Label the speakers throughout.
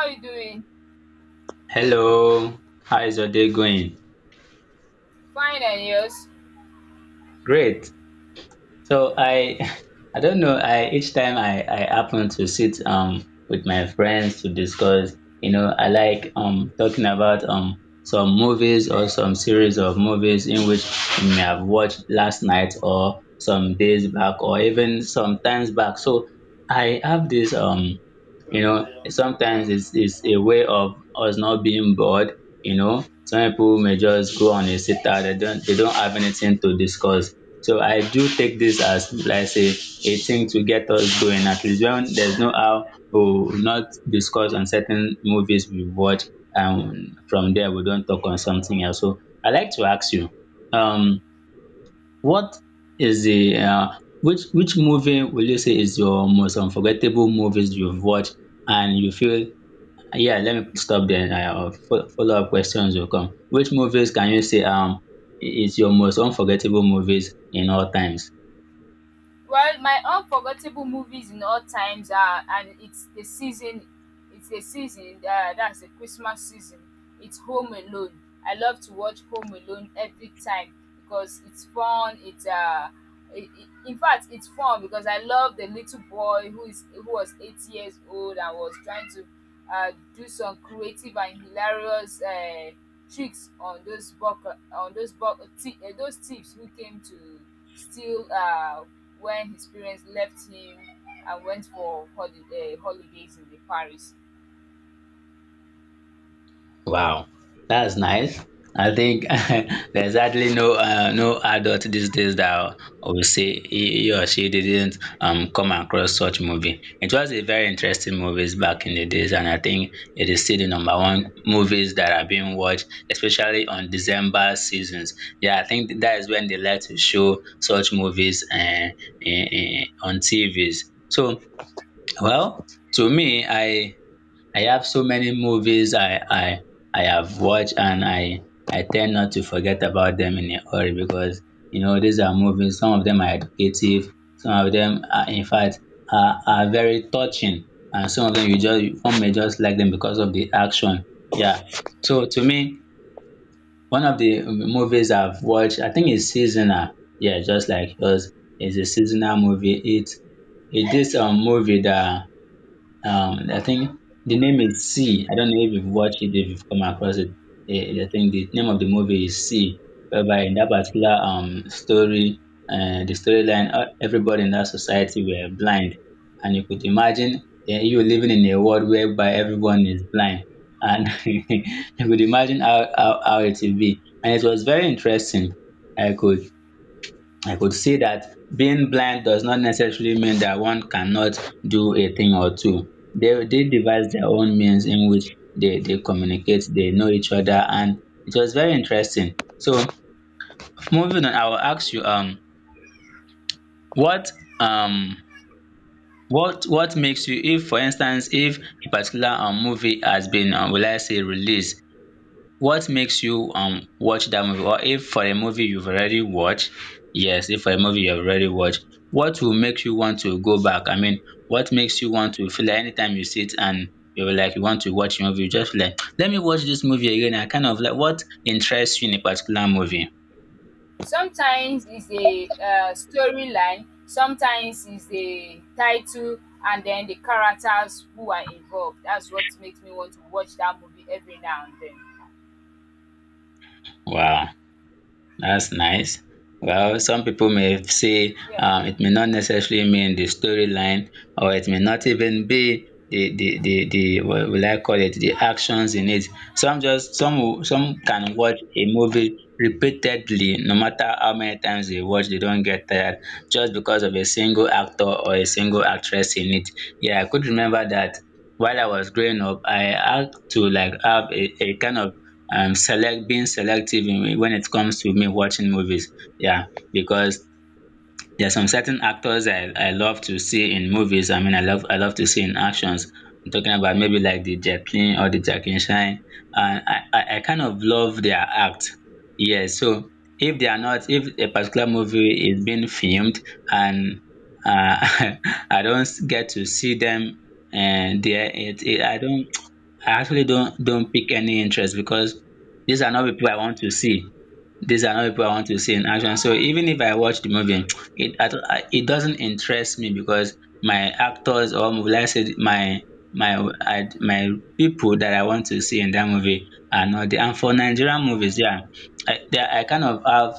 Speaker 1: How are you doing?
Speaker 2: Hello, how is your day going?
Speaker 1: Fine and yours?
Speaker 2: Great. So I I don't know. I Each time I happen to sit with my friends to discuss. You know, I like talking about some movies or some series of movies in which we may have watched last night or some days back or even sometimes back. So I have this you know sometimes it's a way of us not being bored. You know, some people may just go on a sit out. They don't have anything to discuss, so I do take this as like say a thing to get us going. At least when there's no how we will not discuss on certain movies we watch and from there we don't talk on something else. So I like to ask you, um, what is the which movie will you say is your most unforgettable movies you've watched and you feel, yeah, let me stop there. Follow up questions will come. Which movies can you say is your most unforgettable movies in all times?
Speaker 1: Well, my unforgettable movies in all times are and it's the season, that's the Christmas season. It's Home Alone. I love to watch Home Alone every time because it's fun. It's in fact, it's fun because I love the little boy who was 8 years old and was trying to do some creative and hilarious tricks on those thieves who came to still when his parents left him and went for holidays in the Paris.
Speaker 2: Wow, that's nice. I think there's hardly no no adult these days that will say he or she didn't come across such movie. It was a very interesting movies back in the days, and I think it is still the number one movies that are being watched, especially on December seasons. Yeah, I think that is when they like to show such movies, on TVs. So, well, to me, I have so many movies I have watched and I tend not to forget about them in a hurry because you know these are movies. Some of them are educative. Some of them are, in fact, are very touching, and some of them you just one may just like them because of the action. Yeah. So to me, one of the movies I've watched, I think it's seasonal. Yeah, just like yours, it's a seasonal movie. It is a movie that, I think the name is C. I don't know if you've watched it, if you've come across it. I think the name of the movie is C, whereby in that particular story, the storyline, everybody in that society were blind, and you could imagine, you living in a world whereby everyone is blind, and you could imagine how it will be. And it was very interesting. I could I could say that being blind does not necessarily mean that one cannot do a thing or two. They devise their own means in which they communicate, they know each other, and it was very interesting. So moving on, I will ask you, what, um what makes you, if for instance if a particular movie has been will I say released, what makes you watch that movie, or if for a movie you've already watched, yes, if for a movie you've already watched, what will make you want to go back? I mean, what makes you want to feel like anytime you sit and you're like you want to watch a movie you just feel like let me watch this movie again? I kind of like, what interests you in a particular movie?
Speaker 1: Sometimes it's a storyline, sometimes it's a title, and then the characters who are involved. That's what makes me want to watch that movie every now and then.
Speaker 2: Wow, that's nice. Well, some people may say,
Speaker 1: Yeah.
Speaker 2: it may not necessarily mean the storyline, or it may not even be the what will I call it, the actions in it. Some just some will- Some can watch a movie repeatedly, no matter how many times they watch, they don't get tired just because of a single actor or a single actress in it. Yeah, I could remember that while I was growing up, I had to like have a kind of, select, being selective in, when it comes to me watching movies. Yeah, because there's some certain actors I love to see in movies. I mean, I love to see in actions. I'm talking about maybe like the Jacqueline or the Jacqueline Shine. And I kind of love their act. Yeah, so if they are not, if a particular movie is being filmed and, uh, I don't get to see them and there, I don't, I actually don't pick any interest because these are not people I want to see. These are not people I want to see in action. So even if I watch the movie, it I, don't- I- it doesn't interest me because my actors or let's say my people that I want to see in that movie are not there. And for Nigerian movies, yeah, I kind of have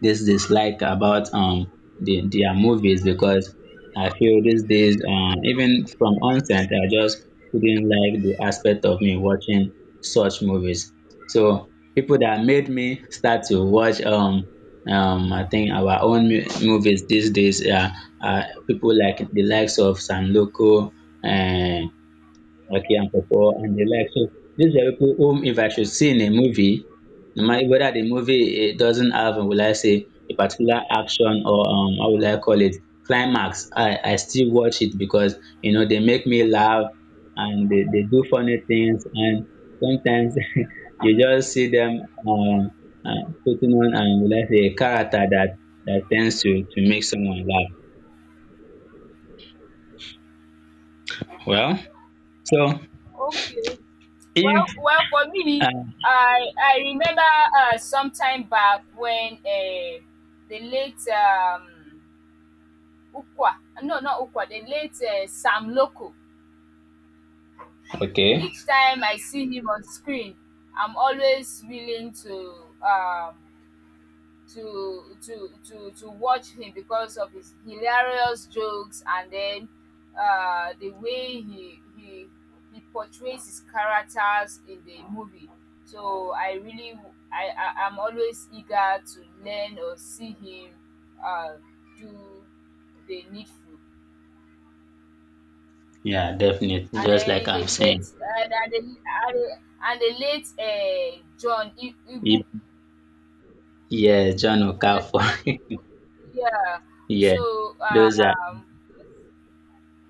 Speaker 2: this dislike about the their movies because I feel these days, even from onset, I just didn't like the aspect of me watching such movies. So people that made me start to watch I think our own movies these days are people like the likes of San Loco. Okay, and for, and the like. So these are people whom if I should see in a movie, no matter whether the movie it doesn't have, will I say, a particular action or, um, how will I call it, climax, I still watch it because you know they make me laugh and they do funny things and sometimes you just see them um putting on and will I say a character that that tends to make someone laugh. Well, so
Speaker 1: Okay.
Speaker 2: if,
Speaker 1: Well, for
Speaker 2: uh,
Speaker 1: me, I remember some time back when the late Ukwa, no, not Ukwa, the late Sam Loco.
Speaker 2: okay.
Speaker 1: Each time I see him on screen, I'm always willing to um, watch him because of his hilarious jokes and then the way he portrays his characters in the movie. So I really I'm always eager to learn or see him uh, do the needful.
Speaker 2: Yeah, definitely.
Speaker 1: And
Speaker 2: Just
Speaker 1: then
Speaker 2: like
Speaker 1: in
Speaker 2: I'm
Speaker 1: the late
Speaker 2: saying,
Speaker 1: and the and the and the late John I Ibu
Speaker 2: it, yeah, John
Speaker 1: Igbu
Speaker 2: Okafor.
Speaker 1: John Igbu, yeah.
Speaker 2: Yeah,
Speaker 1: So
Speaker 2: those are,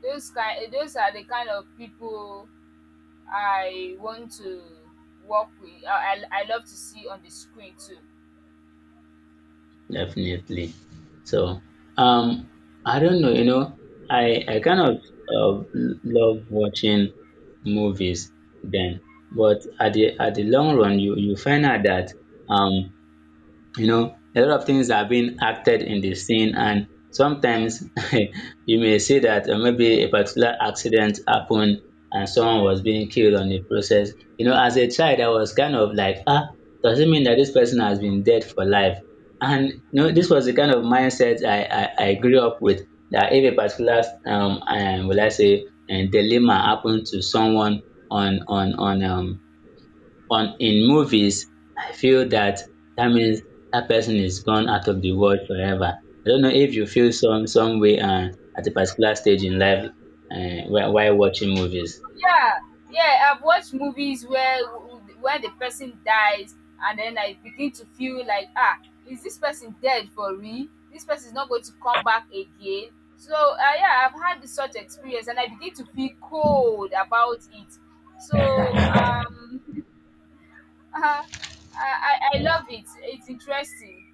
Speaker 1: those kind those are the kind of people I want to work with. I love to see on the screen too.
Speaker 2: definitely. So, um, I don't know. You know, I kind of, uh, love watching movies then, but at the long run, you find out that um you know a lot of things are being acted in the scene and sometimes you may see that, maybe a particular accident happened and someone was being killed on the process. You know, as a child I was kind of like, ah, does it mean that this person has been dead for life? And you know this was the kind of mindset I grew up with, that if a particular, and will I say dilemma happened to someone, on on on um on in movies, I feel that that means that person is gone out of the world forever. I don't know if you feel some way, at a particular stage in life, while watching movies.
Speaker 1: Yeah, yeah. I've watched movies where the person dies, and then I begin to feel like, ah, is this person dead for real? This person is not going to come back again. So yeah, I've had this such experience, and I begin to feel cold about it. So I, I love it. It's interesting.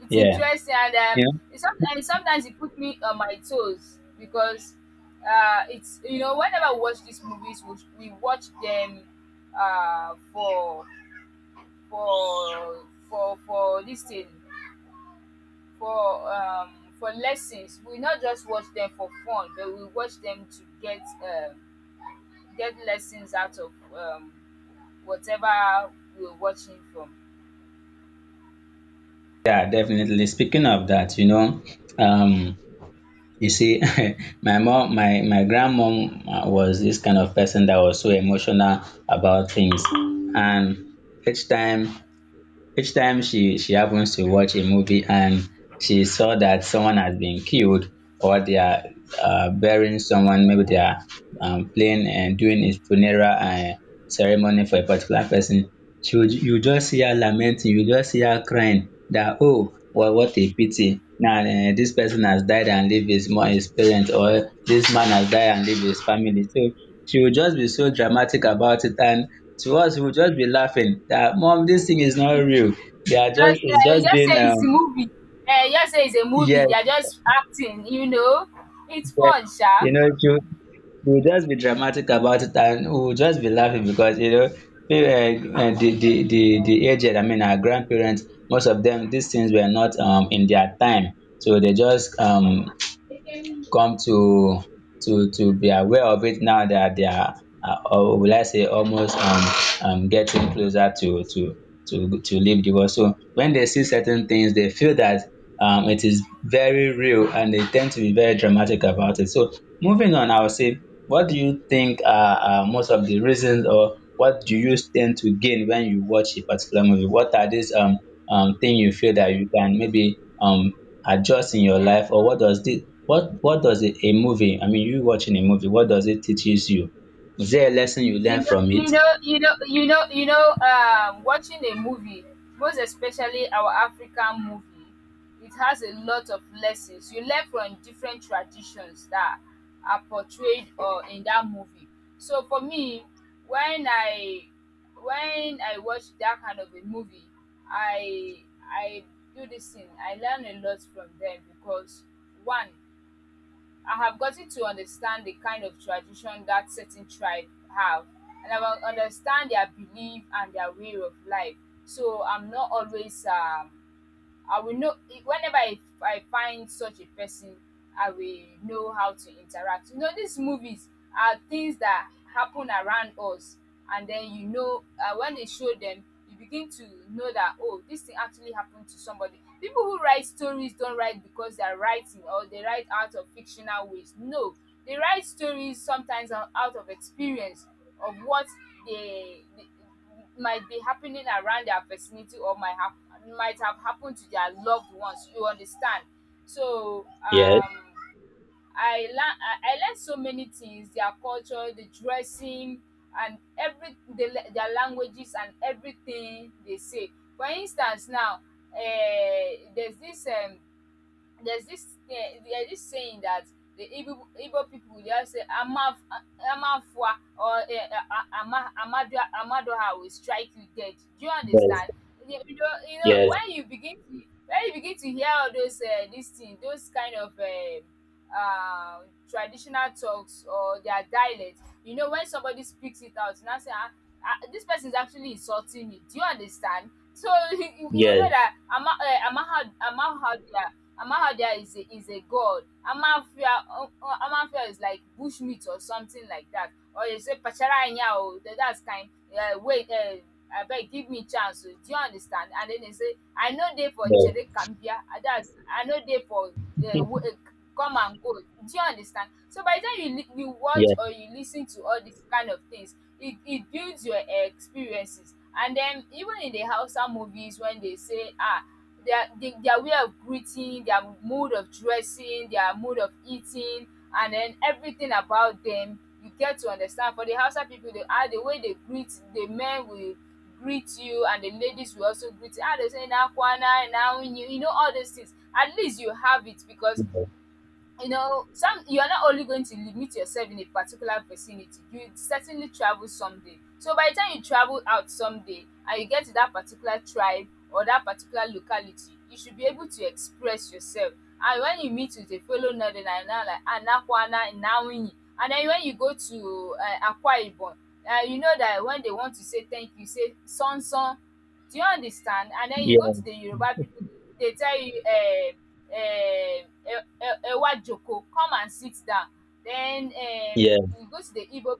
Speaker 1: It's
Speaker 2: Yeah,
Speaker 1: interesting and,
Speaker 2: you
Speaker 1: um,
Speaker 2: know,
Speaker 1: it sometimes sometimes it put me on my toes because, it's you know, whenever we watch these movies, we watch them, uh, for for this thing, for lessons. We not just watch them for fun, but we watch them to get lessons out of, whatever we're watching from.
Speaker 2: yeah, definitely. Speaking of that, you know, um, you see, my mom, my grandmom, was this kind of person that was so emotional about things, and each time each time she happens to watch a movie and she saw that someone has been killed or they are, burying someone, maybe they are, playing and doing a funeral, ceremony for a particular person, she would, you just see her lamenting, you just see her crying that, oh well, what a pity. Now, this person has died and leave his parents, or this man has died and leave his family. So she would just be so dramatic about it and to us we would just be laughing that, mom, this thing is not real, they are just,
Speaker 1: Just
Speaker 2: it's
Speaker 1: you
Speaker 2: just
Speaker 1: just
Speaker 2: being,
Speaker 1: say it's a movie. You just say it's a movie. They
Speaker 2: yes,
Speaker 1: are just acting, you know. It's
Speaker 2: yes,
Speaker 1: fun, sha.
Speaker 2: you know she would just be dramatic about it and we would just be laughing because you know, the, the aged, I mean, our grandparents, most of them these things were not in their time, so they just, come to to be aware of it now that they are, or will I say almost, getting closer to leave the world. So when they see certain things, they feel that it is very real and they tend to be very dramatic about it. So moving on, I will say, what do you think are most of the reasons or what do you tend to gain when you watch a particular movie? What are these thing you feel that you can maybe, adjust in your life, or what does this, what does a movie, I mean, you watching a movie, what does it teaches you? Is there a lesson you
Speaker 1: You
Speaker 2: learn
Speaker 1: know,
Speaker 2: from it?
Speaker 1: you know, you know, you know, you know, Watching a movie, most especially our African movie, it has a lot of lessons. You learn from different traditions that are portrayed or in that movie. So for me, when I when I watch that kind of a movie, I I do this thing. I learn a lot from them because one, I have gotten to understand the kind of tradition that certain tribe have, and I will understand their belief and their way of life. So I'm not always I will know whenever I find such a person, I will know how to interact. You know, these movies are things that happen around us, and then you know when they show them, you begin to know that oh, this thing actually happened to somebody. People who write stories don't write because they are writing or they write out of fictional ways. No, they write stories sometimes out of experience of what they might be happening around their vicinity or might have happened to their loved ones, you understand? So
Speaker 2: Yes,
Speaker 1: I learn so many things, their culture, the dressing and their languages and everything they say. For instance now, uh, there's this um there's this thing, there's this saying that the Igbo people, they all say Amafwa or Amadua, Amadoha will strike you dead. Do you
Speaker 2: yes,
Speaker 1: understand? You know
Speaker 2: yes,
Speaker 1: when you begin to hear all those these things, those kind of traditional talks or their dialect, you know when somebody speaks it out, you now say, ah, ah, this person is actually insulting me. Do you understand? So you you will
Speaker 2: yes,
Speaker 1: know that Amaha, Amaha, Amawahia is a god. Amawafia, Amawafia is like bushmeat or something like that. Or they say "Pachara anya oo", that's kind, wait, abeg give me chance. Do you understand? And then they say I no dey for
Speaker 2: yes,
Speaker 1: chere kambia, that's I no dey for we come and go. Do you understand? So by the time you lis you watch
Speaker 2: yes,
Speaker 1: or you listen to all these kind of things, it builds your experiences. And then even in the Hausa movies when they say ah, their way of greeting, their mode of dressing, their mode of eating, and then everything about them. You get to understand for the Hausa people, they, how the way they greet, the men will greet you, and the ladies will also greet you. Ah, they say "na kwana," "na wuni," you know all those things. At least you have it because you know some you are not only going to limit yourself in a particular vicinity. You certainly travel someday, so by the time you travel out someday and you get to that particular tribe or that particular locality, you should be able to express yourself. And when you meet with a fellow northerner you now like anakwana inawuyi. And then when you go to akwa ibom, you know that when they want to say thank you, say sonson, do you understand? And then you go to
Speaker 2: yes,
Speaker 1: the yoruba people, they tell you um Ewa Joko, come and sit down. Then
Speaker 2: yes,
Speaker 1: you go to the igbo,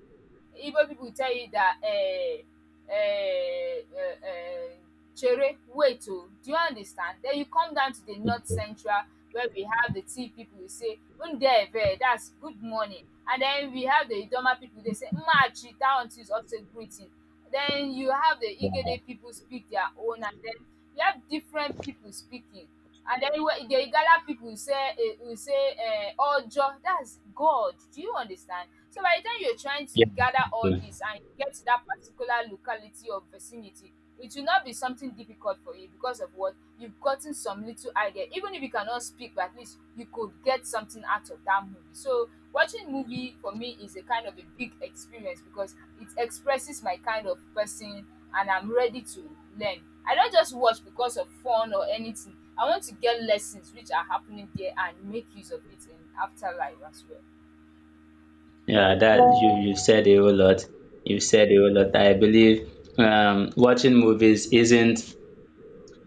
Speaker 1: igbo people will tell you that eh, eh, eh, chere wait o, do you understand? Then you come down to the north central where we have the tiv people, we say ndeve, that's good morning. And then we have the idoma people, they say mmachi, that one too is also greeting. Then you have the
Speaker 2: wow,
Speaker 1: igede people speak their own, and then you have different people speaking. And then the igala people will say eh, ojo, that's god, do you understand? So by the time you're trying to
Speaker 2: yes,
Speaker 1: gather all
Speaker 2: yes.
Speaker 1: this and get to that particular locality or vicinity, it will not be something difficult for you because of what you've gotten, some little idea. Even if you cannot speak, but at least you could get something out of that movie. So watching movie for me is a kind of a big experience because it expresses my kind of person and I'm ready to learn. I don't just watch because of fun or anything. I want to get lessons which are happening there and make use of it in afterlife as well.
Speaker 2: Yeah, that, you said a whole lot. You said a whole lot. I believe, watching movies isn't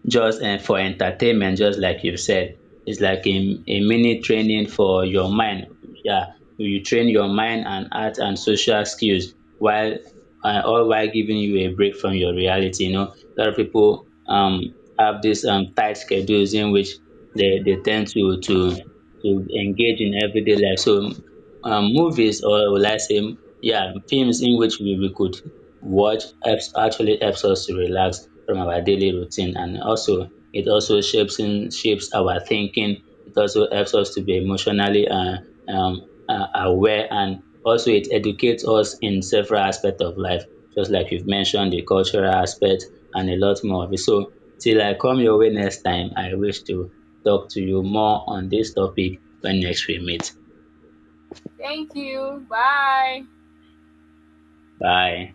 Speaker 2: just and for entertainment, just like you've said. It's like a mini training for your mind. Yeah, you train your mind and art and social skills while, all while giving you a break from your reality. You know, a lot of people, have these, tight schedules in which they tend to, to engage in everyday life. So, movies, or will I say, yeah, films in which we could watch helps, actually helps us to relax from our daily routine, and also it also shapes in shapes our thinking. It also helps us to be emotionally, aware, and also it educates us in several aspects of life, just like you've mentioned the cultural aspect and a lot more of it. So till I come your way next time, I wish to talk to you more on this topic when next we meet.
Speaker 1: Thank you. Bye.
Speaker 2: Bye.